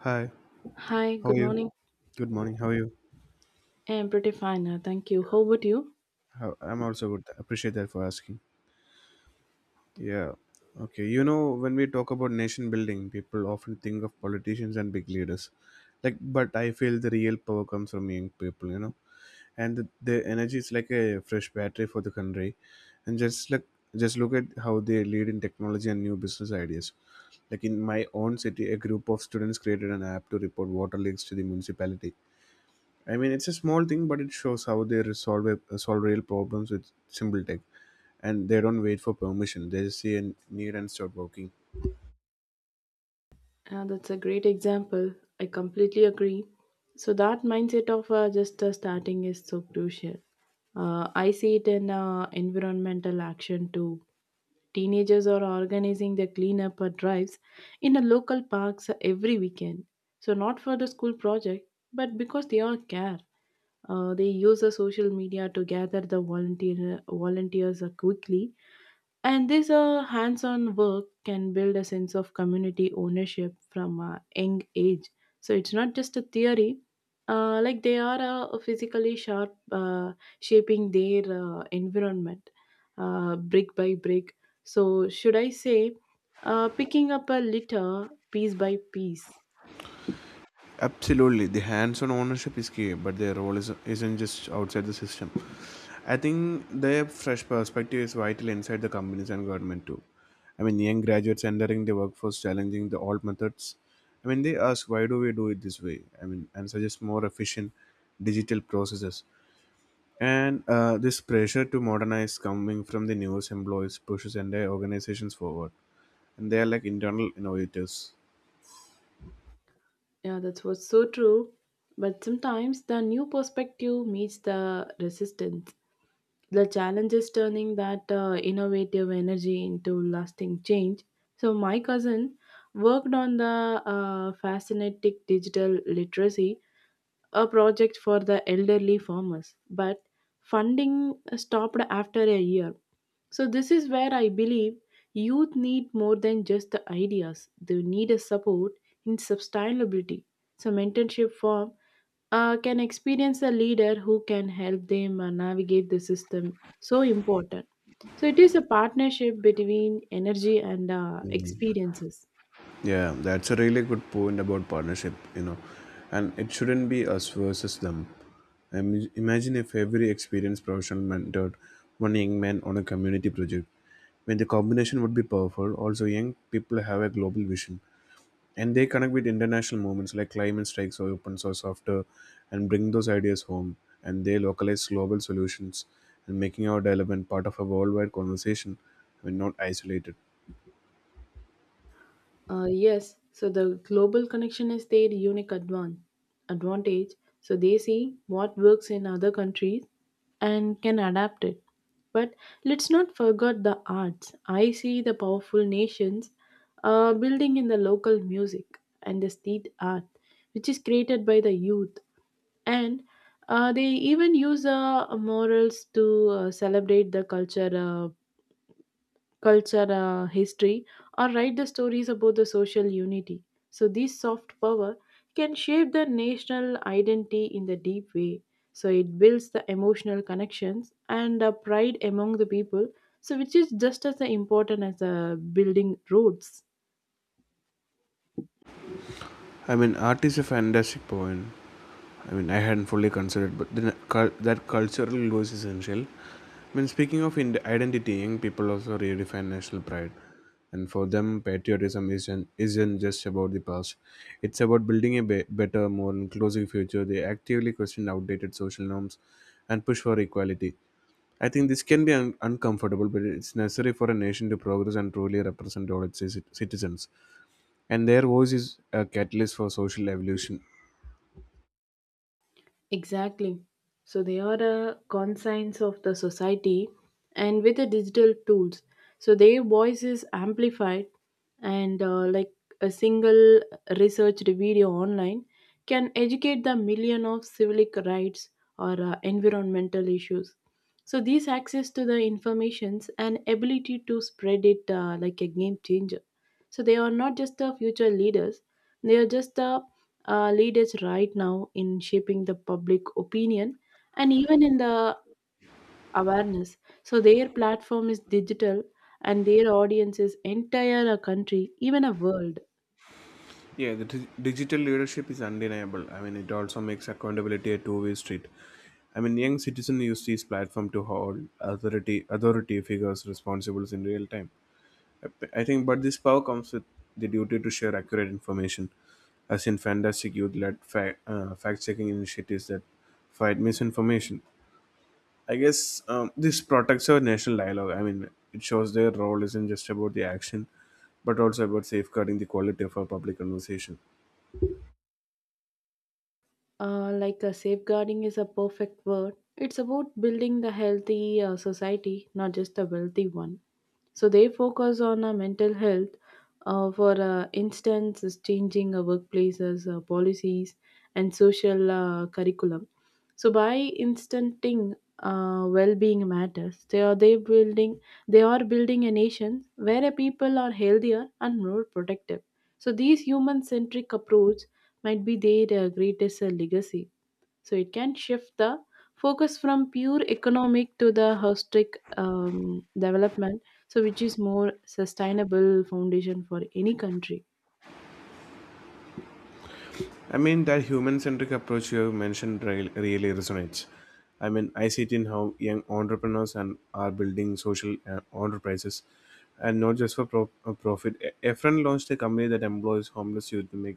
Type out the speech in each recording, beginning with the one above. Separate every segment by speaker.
Speaker 1: Hi,
Speaker 2: Hi,
Speaker 1: how
Speaker 2: good
Speaker 1: are you?
Speaker 2: morning.
Speaker 1: Good morning. How are you?
Speaker 2: I'm pretty fine, thank you. How about you?
Speaker 1: I'm also good. Appreciate that for asking. Yeah. Okay. You know, when we talk about nation building, people often think of politicians and big leaders. Like, but I feel the real power comes from young people. You know, and the energy is like a fresh battery for the country. And just like, just look at how they lead in technology and new business ideas. Like in my own city, a group of students created an app to report water leaks to the municipality. I mean, it's a small thing, but it shows how they solve real problems with simple tech, and they don't wait for permission. They just see a need and start working.
Speaker 2: That's a great example. I completely agree. So that mindset of just starting is so crucial. I see it in environmental action too. Teenagers are organizing their cleanup drives in the local parks every weekend. So not for the school project, but because they all care. They use the social media to gather the volunteers quickly. And this hands on work can build a sense of community ownership from a young age. So it's not just a theory, like they are physically sharp, shaping their environment brick by brick. So, should I say, picking up a litter piece by piece?
Speaker 1: Absolutely, the hands-on ownership is key, but their isn't just outside the system. I think their fresh perspective is vital inside the companies and government too. I mean, young graduates entering the workforce challenging the old methods. I mean, they ask, why do we do it this way? I mean, and suggest more efficient digital processes. And this pressure to modernize coming from the newest employees pushes entire organizations forward. And they are like internal innovators.
Speaker 2: Yeah, that's what's so true. But sometimes the new perspective meets the resistance. The challenge is turning that innovative energy into lasting change. So, my cousin worked on the fascinating digital literacy a project for the elderly farmers, but funding stopped after a year. So, this is where I believe youth need more than just the ideas, they need a support in sustainability. So, mentorship firm can experience a leader who can help them navigate the system. So important. So, it is a partnership between energy and
Speaker 1: Mhm.
Speaker 2: experiences.
Speaker 1: Yeah, that's a really good point about partnership, you know. And it shouldn't be us versus them. Imagine if every experienced professional mentored one young man on a community project. When the combination would be powerful, also young people have a global vision, and they connect with international movements like climate strikes or open source software and bring those ideas home, and they localize global solutions and making our development part of a worldwide conversation, I not isolated.
Speaker 2: Yes, so the global connection is their unique advantage. So they see what works in other countries and can adapt it. But let's not forget the arts. I see the powerful nations building in the local music and the street art, which is created by the youth. And they even use morals to celebrate the culture, history, or write the stories about the social unity. So this soft power can shape the national identity in the deep way. So it builds the emotional connections and pride among the people. So which is just as important as building roads.
Speaker 1: I mean art is a fantastic point. I mean, I hadn't fully considered, but then that cultural glue is essential. When speaking of identity, young people also redefine national pride, and for them, patriotism isn't just about the past. It's about building a better, more inclusive future. They actively question outdated social norms and push for equality. I think this can be uncomfortable, but it's necessary for a nation to progress and truly represent all its citizens. And their voice is a catalyst for social evolution.
Speaker 2: Exactly. So they are a conscience of the society and with the digital tools. So their voice is amplified and like a single researched video online can educate the million of civic rights or environmental issues. So this access to the informations and ability to spread it like a game changer. So they are not just the future leaders, they are just the leaders right now in shaping the public opinion and even in the awareness. So their platform is digital and their audience is entire a country, even a world.
Speaker 1: Yeah, the digital leadership is undeniable. I mean, it also makes accountability a two-way street. I mean, young citizens use these platform to hold authority figures responsible in real time. I think, but this power comes with the duty to share accurate information, as in fantastic youth-led fact-checking initiatives that fight misinformation. I guess this protects our national dialogue. I mean, it shows their role isn't just about the action, but also about safeguarding the quality of our public conversation.
Speaker 2: Like a safeguarding is a perfect word. It's about building the healthy society, not just a wealthy one. So they focus on mental health, for instance, is changing workplaces, policies, and social curriculum. So by instanting well-being matters, they are building a nation where a people are healthier and more protective. So these human-centric approach might be their greatest legacy. So it can shift the focus from pure economic to the holistic development. So which is more sustainable foundation for any country.
Speaker 1: I mean, that human centric approach you have mentioned really resonates. I mean, I see it in how young entrepreneurs and are building social enterprises and not just for profit. A friend launched a company that employs homeless youth to make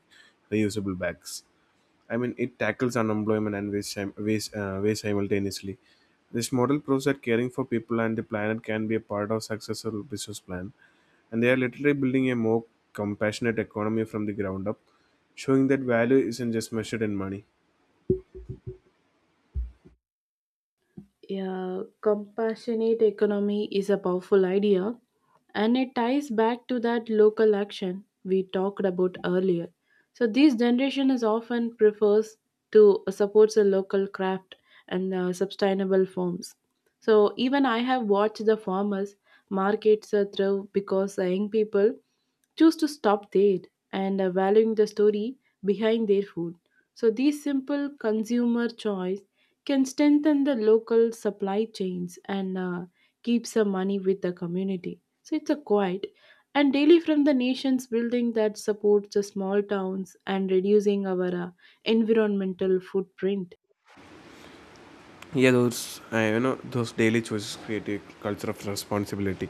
Speaker 1: reusable bags. I mean, it tackles unemployment and waste, waste simultaneously. This model proves that caring for people and the planet can be a part of successful business plan, and they are literally building a more compassionate economy from the ground up, showing that value isn't just measured in money.
Speaker 2: Yeah, compassionate economy is a powerful idea, and it ties back to that local action we talked about earlier. So this generation is often prefers to supports a local craft and sustainable forms. So even I have watched the farmers markets through because the young people choose to stop there and valuing the story behind their food. So these simple consumer choice can strengthen the local supply chains and keep some money with the community. So it's a quiet and daily from the nation's building that supports the small towns and reducing our environmental footprint.
Speaker 1: Yeah, those those daily choices create a culture of responsibility.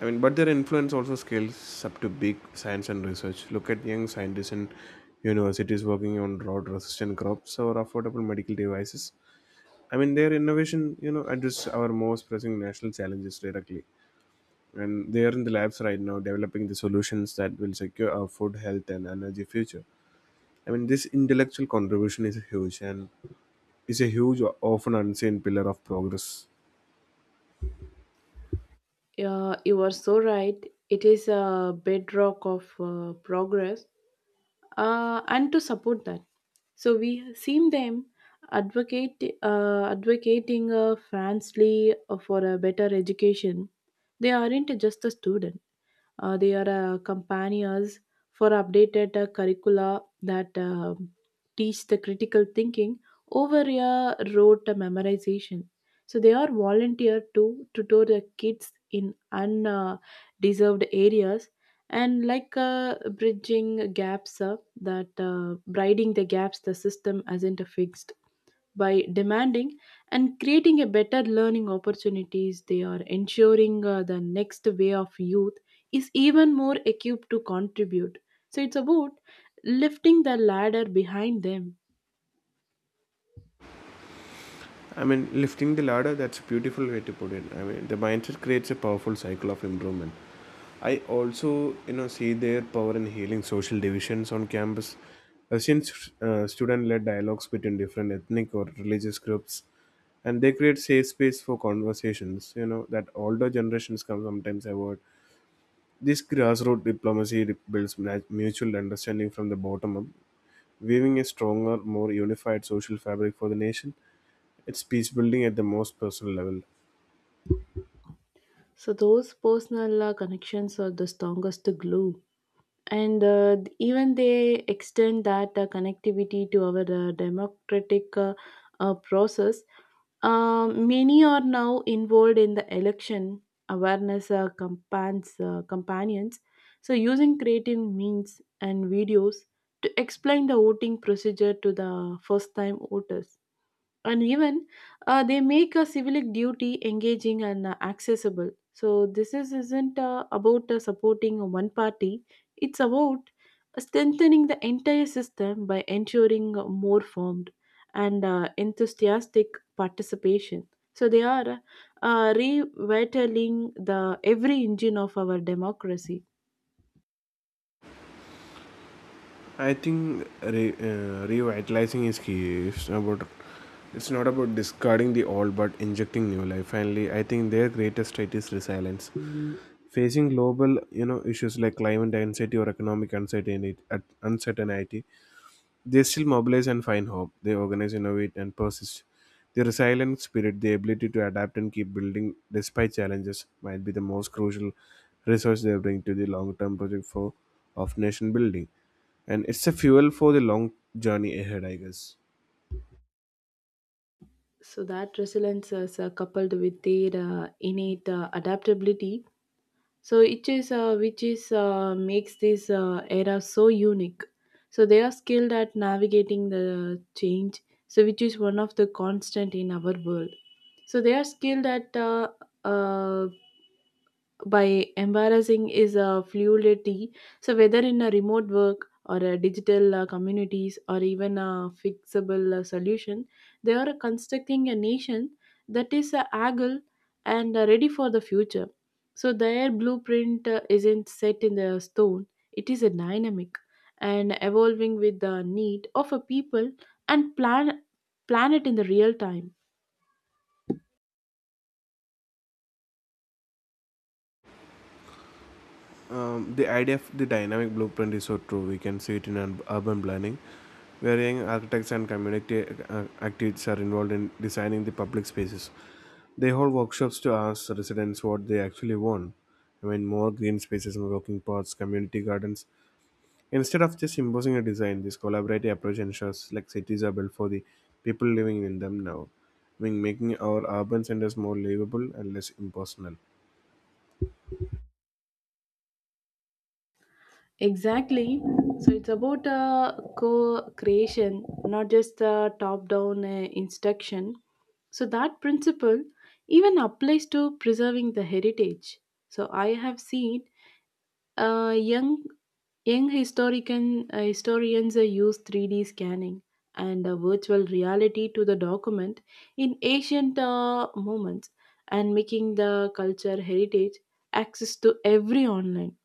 Speaker 1: I mean, but their influence also scales up to big science and research. Look at young scientists in universities working on drought-resistant crops or affordable medical devices. I mean, their innovation, you know, address our most pressing national challenges directly. And they are in the labs right now developing the solutions that will secure our food, health, and energy future. I mean, this intellectual contribution is huge and is a huge, often unseen pillar of progress.
Speaker 2: You are so right. It is a bedrock of progress, and to support that, so we seen them advocate advocating frankly for a better education. They aren't just a student. They are companions for updated curricula that teach the critical thinking over a rote memorization. So they are volunteer to tutor the kids in undeserved areas, and like bridging the gaps the system hasn't fixed by demanding and creating a better learning opportunities. They are ensuring the next wave of youth is even more equipped to contribute. So it's about lifting the ladder behind them.
Speaker 1: I mean, lifting the ladder, that's a beautiful way to put it. I mean, the mindset creates a powerful cycle of improvement. I also, you know, see their power in healing social divisions on campus. I've seen student-led dialogues between different ethnic or religious groups, and they create safe space for conversations you know that older generations can sometimes avoid. This grassroots diplomacy mutual understanding from the bottom up, weaving a stronger, more unified social fabric for the nation. It's peace building at the most personal level.
Speaker 2: So those personal connections are the strongest glue. And even they extend that connectivity to our democratic process. Many are now involved in the election awareness campaigns, companions. So, using creative means and videos to explain the voting procedure to the first time voters, and even they make a civic duty engaging and accessible. So this isn't about supporting one party. It's about strengthening the entire system by ensuring a more formed and enthusiastic participation. So they are revitalizing the every engine of our democracy.
Speaker 1: I think revitalizing is key. It's not about discarding the old, but injecting new life. Finally, I think their greatest threat is resilience. Facing global, you know, issues like climate anxiety or uncertainty, they still mobilize and find hope. They organize, innovate, and persist. Their resilient spirit, the ability to adapt and keep building despite challenges, might be the most crucial resource they bring to the long-term project for of nation building. And it's a fuel for the long journey ahead, I guess.
Speaker 2: So that resilience is coupled with their innate adaptability. So it is which is makes this era so unique. So they are skilled at navigating the change, so which is one of the constant in our world. So they are skilled at uh, by embarrassing is a fluidity. So whether in a remote work or a digital communities or even a fixable solution, they are constructing a nation that is agile and ready for the future. So their blueprint isn't set in the stone; it is a dynamic and evolving with the need of a people and planet in the real time.
Speaker 1: The idea of the dynamic blueprint is so true. We can see it in urban planning, where young architects and community activists are involved in designing the public spaces. They hold workshops to ask residents what they actually want. I mean, more green spaces and walking paths, community gardens. Instead of just imposing a design, this collaborative approach ensures like cities are built for the people living in them now. I mean, making our urban centers more livable and less impersonal.
Speaker 2: Exactly. So it's about co-creation, not just top-down instruction. So that principle even applies to preserving the heritage. So I have seen uh, young young historians use 3D scanning and virtual reality to the document in ancient moments, and making the culture heritage access to every online,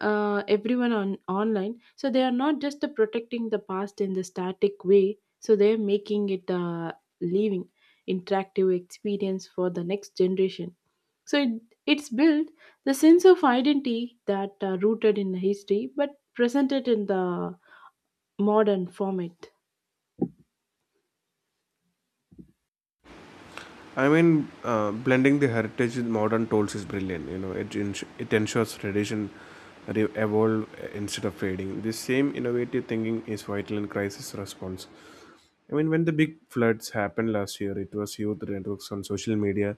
Speaker 2: everyone on online. So they are not just protecting the past in the static way, so they're making it a living interactive experience for the next generation. So it's built the sense of identity that are rooted in the history but presented in the modern format.
Speaker 1: I mean, blending the heritage with modern tools is brilliant. You know, it it ensures tradition evolve instead of fading. The same innovative thinking is vital in crisis response. I mean, when the big floods happened last year, it was youth networks on social media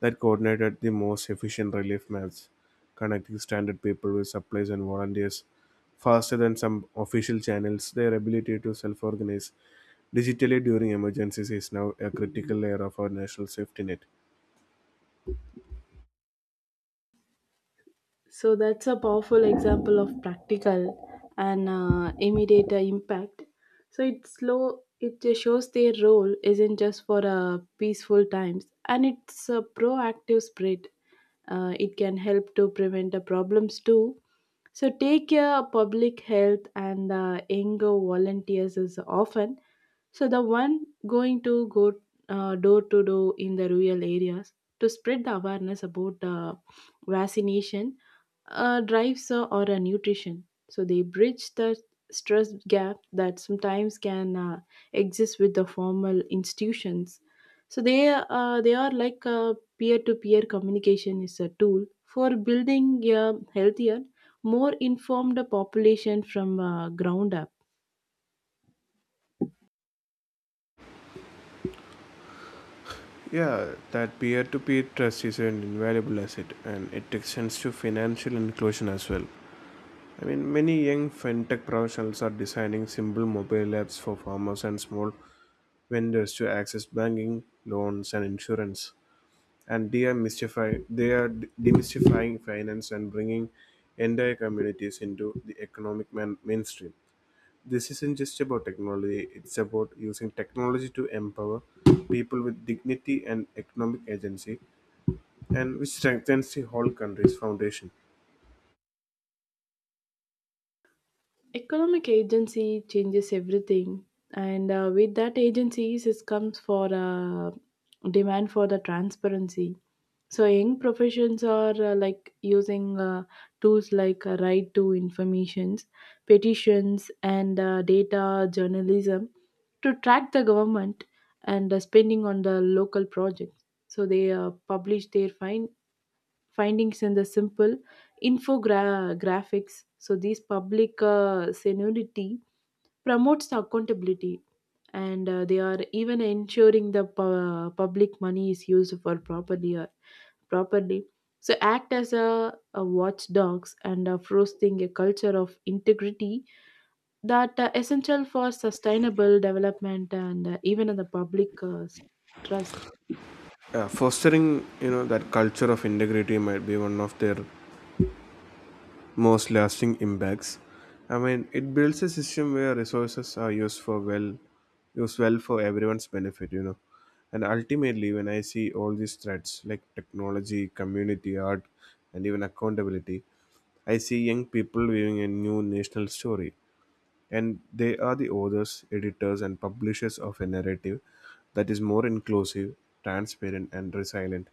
Speaker 1: that coordinated the most efficient relief maps, connecting stranded people with supplies and volunteers faster than some official channels. Their ability to self organize digitally during emergencies is now a critical layer of our national safety net.
Speaker 2: So that's a powerful example of practical and immediate impact. So it's slow. It just shows their role isn't just for peaceful times, and it's a proactive spread. It can help to prevent the problems too. So, take care public health and the younger volunteers is often so the one going to go door to door in the rural areas to spread the awareness about the vaccination drives or nutrition. So they bridge the stress gap that sometimes can exist with the formal institutions. So they are like a peer to peer communication is a tool for building a healthier, more informed population from ground up.
Speaker 1: Yeah, that peer to peer trust is an invaluable asset, and it extends to financial inclusion as well. I mean, many young fintech professionals are designing simple mobile apps for farmers and small vendors to access banking, loans, and insurance. And they are, they are demystifying finance and bringing entire communities into the economic mainstream. This isn't just about technology, it's about using technology to empower people with dignity and economic agency, and which strengthens the whole country's foundation.
Speaker 2: Economic agency changes everything, and with that agencies, it comes for demand for the transparency. So young professions are like using tools like right to informations, petitions, and data journalism to track the government and spending on the local projects. So they publish their findings in the simple infographics. So these public seniority promotes the accountability, and they are even ensuring the public money is used for properly. So act as a watchdogs, and fostering a culture of integrity that essential for sustainable development, and even in the public trust.
Speaker 1: Fostering, you know, that culture of integrity might be one of their most lasting impacts. I mean, it builds a system where resources are used well for everyone's benefit, you know. And ultimately, when I see all these threats like technology, community, art, and even accountability, I see young people weaving a new national story, and they are the authors, editors, and publishers of a narrative that is more inclusive, transparent, and resilient,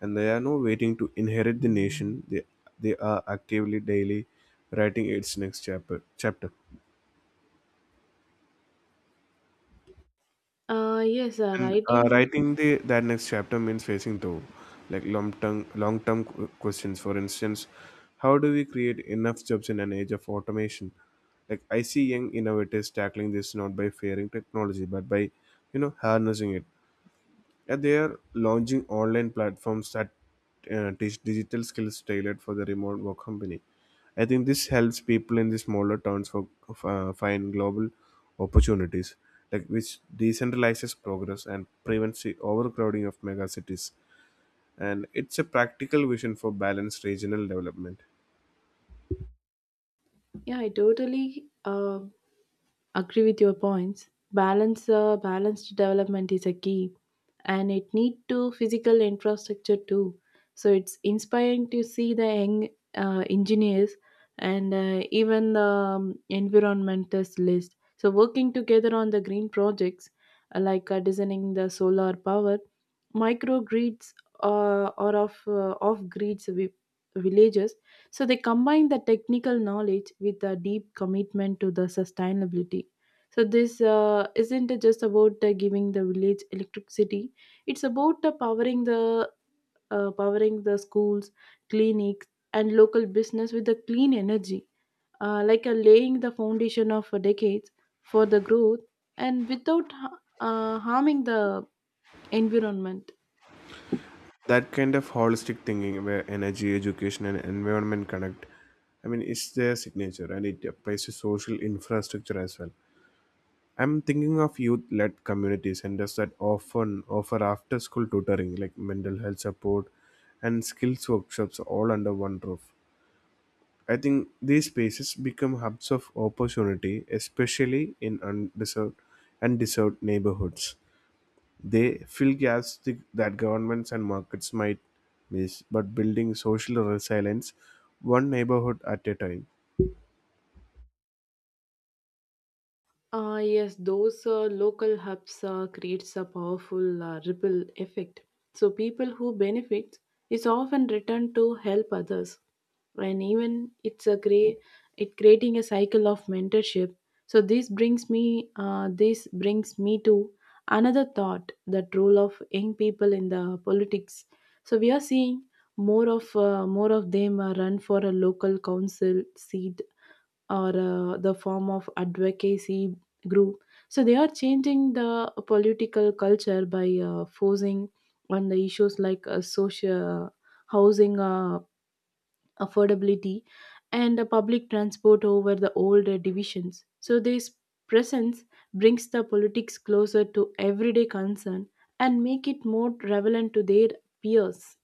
Speaker 1: and they are now waiting to inherit the nation. They are actively daily writing its next chapter.
Speaker 2: Yes,
Speaker 1: And
Speaker 2: writing.
Speaker 1: writing the that next chapter means facing though, like long term questions. For instance, how do we create enough jobs in an age of automation? Like I see young innovators tackling this not by fearing technology, but by you know harnessing it. Yeah, they are launching online platforms that teach digital skills tailored for the remote work company. I think this helps people in the smaller towns for find global opportunities, like which decentralizes progress and prevents the overcrowding of mega cities. And it's a practical vision for balanced regional development.
Speaker 2: Yeah, I totally agree with your points. Balanced development is a key, and it need to physical infrastructure too. So it's inspiring to see the young engineers and even the environmentalists list so working together on the green projects, like designing the solar power microgrids, or of off grids villages. So they combine the technical knowledge with a deep commitment to the sustainability. So this isn't just about giving the village electricity. It's about powering the schools, clinics, and local business with the clean energy, like laying the foundation of decades for the growth, and without harming the environment.
Speaker 1: That kind of holistic thinking, where energy, education, and environment connect, I mean, it's their signature, and it applies to social infrastructure as well. I'm thinking of youth-led community centers that often offer after-school tutoring, like mental health support and skills workshops, all under one roof. I think these spaces become hubs of opportunity, especially in undeserved and deserved neighborhoods. They fill gaps that governments and markets might miss, but building social resilience one neighborhood at a time.
Speaker 2: Yes, those local hubs creates a powerful ripple effect. So people who benefit is often returned to help others, and even it's a great it creating a cycle of mentorship. So this brings me to another thought: that role of young people in the politics. So we are seeing more of them run for a local council seat, or the form of advocacy group. So they are changing the political culture by forcing on the issues like social housing affordability and public transport over the old divisions. So this presence brings the politics closer to everyday concern and make it more relevant to their peers.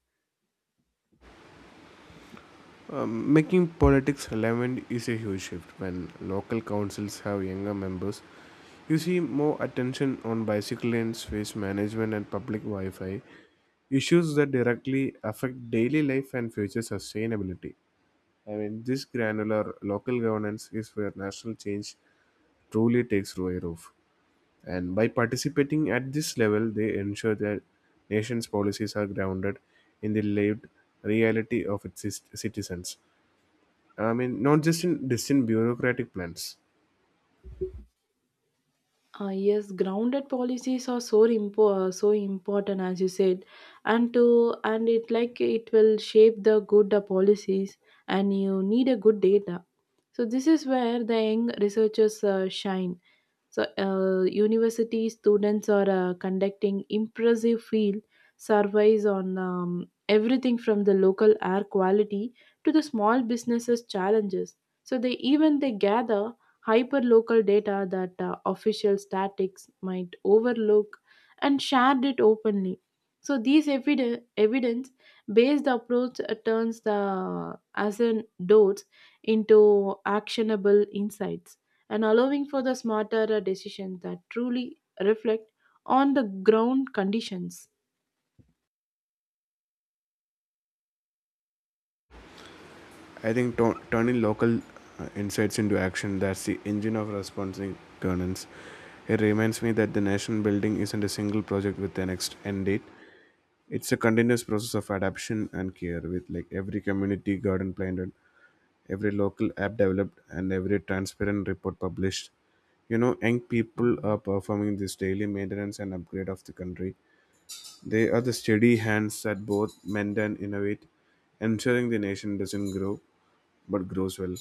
Speaker 1: Making politics relevant is a huge shift. When local councils have younger members, you see more attention on bicycle lanes, waste management, and public Wi Fi issues that directly affect daily life and future sustainability. I mean, this granular local governance is where national change truly takes root of. And by participating at this level, they ensure that nation's policies are grounded in the lived reality of its citizens, I mean, not just in distant bureaucratic plans.
Speaker 2: Yes, grounded policies are so important as you said, and to and it like it will shape the good policies, and you need a good data. So this is where the young researchers shine. So university students are conducting impressive field surveys on everything from the local air quality to the small businesses challenges. So they even they gather hyperlocal data that official statics might overlook and shared it openly. So these evidence-based approach turns the anecdotes into actionable insights and allowing for the smarter decisions that truly reflect on the ground conditions.
Speaker 1: I think turning local insights into action, that's the engine of responsive governance. It reminds me that the nation building isn't a single project with an next end date. It's a continuous process of adaptation and care with like every community garden planted, every local app developed, and every transparent report published. You know, young people are performing this daily maintenance and upgrade of the country. They are the steady hands that both mend and innovate, ensuring the nation doesn't grow but grows well.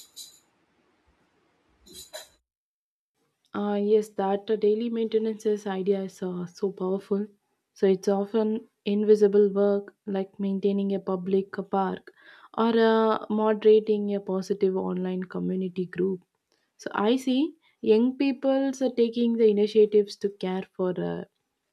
Speaker 2: Yes, that daily maintenances idea is so powerful. So it's often invisible work like maintaining a public park or moderating a positive online community group. So I see young people are taking the initiatives to care for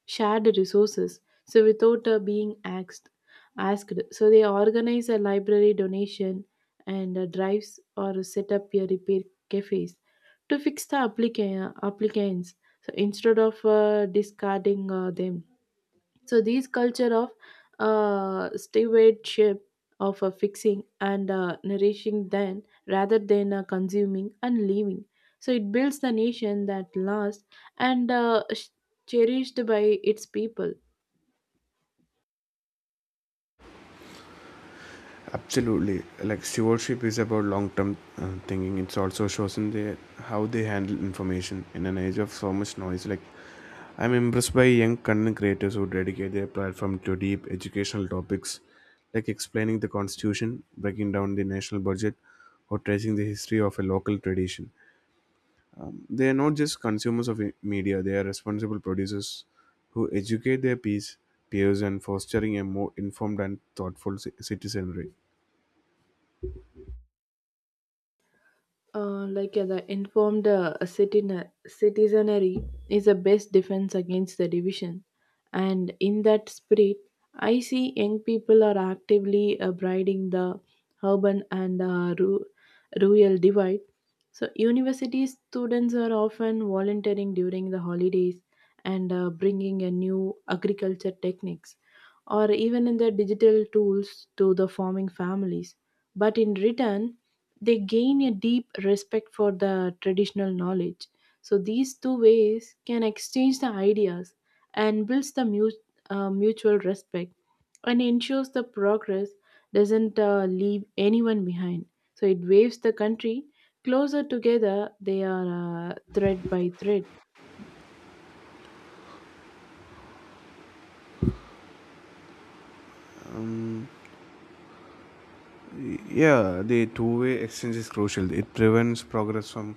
Speaker 2: shared resources. So without being asked, so they organize a library donation and drives or set up a repair cafes to fix the applicants. So instead of discarding them, so these culture of stewardship of fixing and nourishing then rather than consuming and leaving so it builds the nation that lasts and cherished by its people.
Speaker 1: Absolutely, like stewardship is about long-term thinking. It's also shows in the how they handle information in an age of so much noise. Like I'm impressed by young content creators who dedicate their platform to deep educational topics, like explaining the constitution, breaking down the national budget, or tracing the history of a local tradition. They are not just consumers of media, they are responsible producers who educate their peers and fostering a more informed and thoughtful citizenry.
Speaker 2: Yeah, the informed citizenry is the best defense against the division. And in that spirit, I see young people are actively bridging the urban and rural divide. So, university students are often volunteering during the holidays and bringing a new agriculture techniques or even in the digital tools to the farming families. But in return, they gain a deep respect for the traditional knowledge so these two ways can exchange the ideas and builds the mutual respect and ensures the progress doesn't leave anyone behind so it waves the country closer together they are thread by thread.
Speaker 1: Um, yeah, the two-way exchange is crucial. It prevents progress from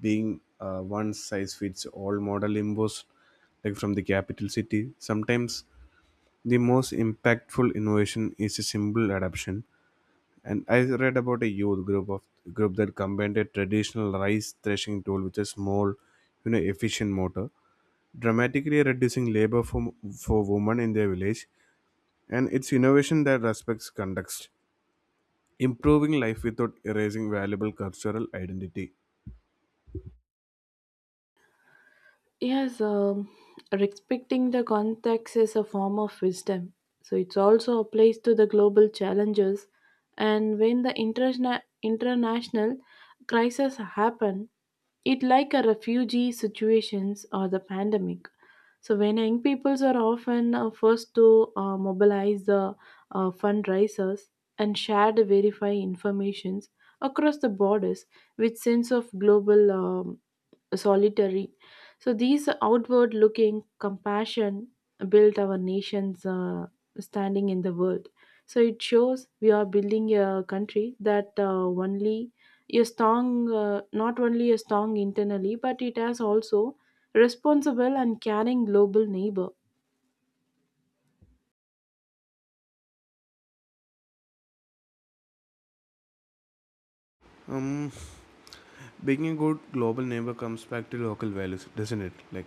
Speaker 1: being one size fits all model imposed like from the capital city. Sometimes the most impactful innovation is a simple adaptation. And I read about a youth group of group that combined a traditional rice threshing tool with a small, you know, efficient motor, dramatically reducing labor for women in their village. And it's innovation that respects context, improving life without erasing valuable cultural identity.
Speaker 2: Yes, respecting the context is a form of wisdom. So it also applies to the global challenges. And when the international crises happen, it like a refugee situations or the pandemic. So when young peoples are often first to mobilize the fundraisers and share the verify informations across the borders with sense of global solitary. So these outward looking compassion built our nation's standing in the world. So it shows we are building a country that only is strong, not only is strong internally, but it has also responsible and caring global neighbor.
Speaker 1: Um, being a good global neighbor comes back to local values, doesn't it? Like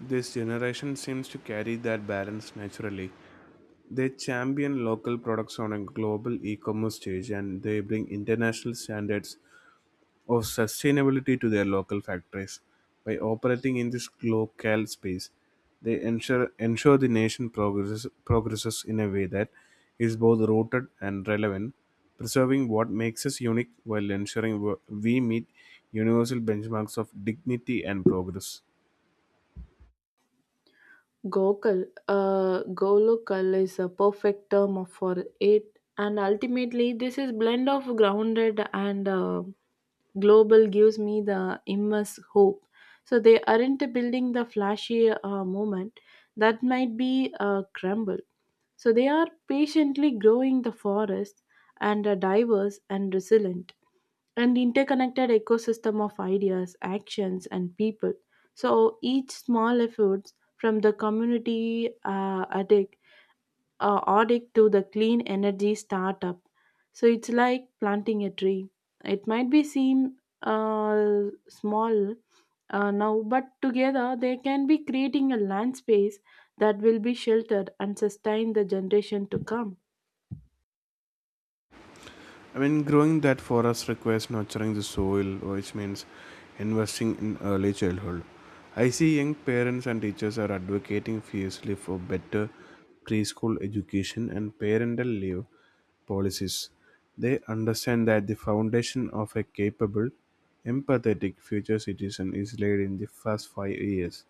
Speaker 1: this generation seems to carry that balance naturally. They champion local products on a global e commerce stage, and they bring international standards of sustainability to their local factories. By operating in this local space, they ensure the progresses in a way that is both rooted and relevant, preserving what makes us unique while ensuring we meet universal benchmarks of dignity and progress.
Speaker 2: Golokal is a perfect term for it, and ultimately this is blend of grounded and global gives me the immense hope. So they aren't building the flashy moment that might be a crumble. So they are patiently growing the forest and are diverse and resilient and interconnected ecosystem of ideas, actions, and people. So each small efforts from the community addict to the clean energy startup. So it's like planting a tree. It might be seem small now, but together they can be creating a land space that will be sheltered and sustain the generation to come.
Speaker 1: I mean, growing that for us requires nurturing the soil, which means investing in early childhood. I see young parents and teachers are advocating fiercely for better preschool education and parental leave policies. They understand that the foundation of a capable, empathetic future citizen is laid in the first 5 years.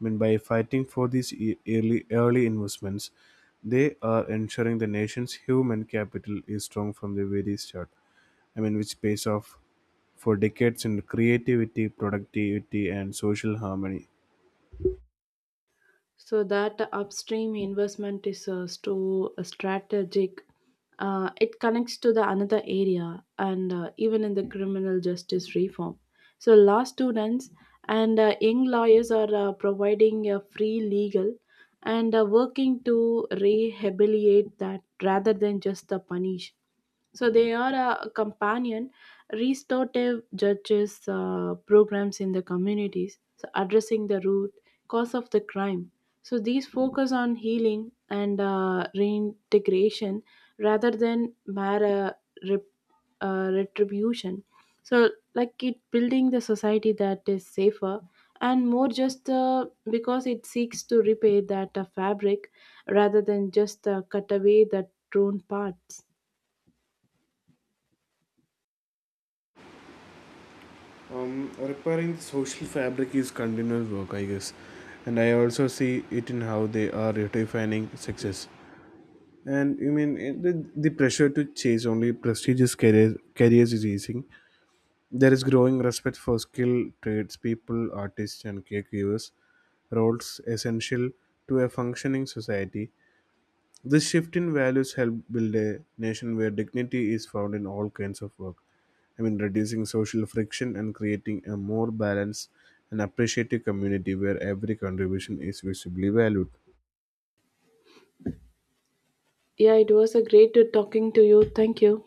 Speaker 1: I mean, by fighting for these early investments, they are ensuring the nation's human capital is strong from the very start. I mean, which pays off for decades in creativity, productivity, and social harmony.
Speaker 2: So that upstream investment is so strategic it connects to the another area and even in the criminal justice reform so law students and young lawyers are providing a free legal and working to rehabilitate that rather than just the punish so they are a companion restorative judges programs in the communities, so addressing the root cause of the crime. So these focus on healing and reintegration rather than mere rep- retribution. So like it building the society that is safer and more just because it seeks to repair that fabric rather than just cut away the torn parts.
Speaker 1: Repairing the social fabric is continuous work, I guess, and I also see it in how they are redefining success. And you mean the pressure to chase only prestigious careers is easing. There is growing respect for skilled tradespeople, artists, and caregivers, roles essential to a functioning society. This shift in values helped build a nation where dignity is found in all kinds of work. I mean, reducing social friction and creating a more balanced and appreciative community where every contribution is visibly valued.
Speaker 2: Yeah, it was a great talking to you. Thank you.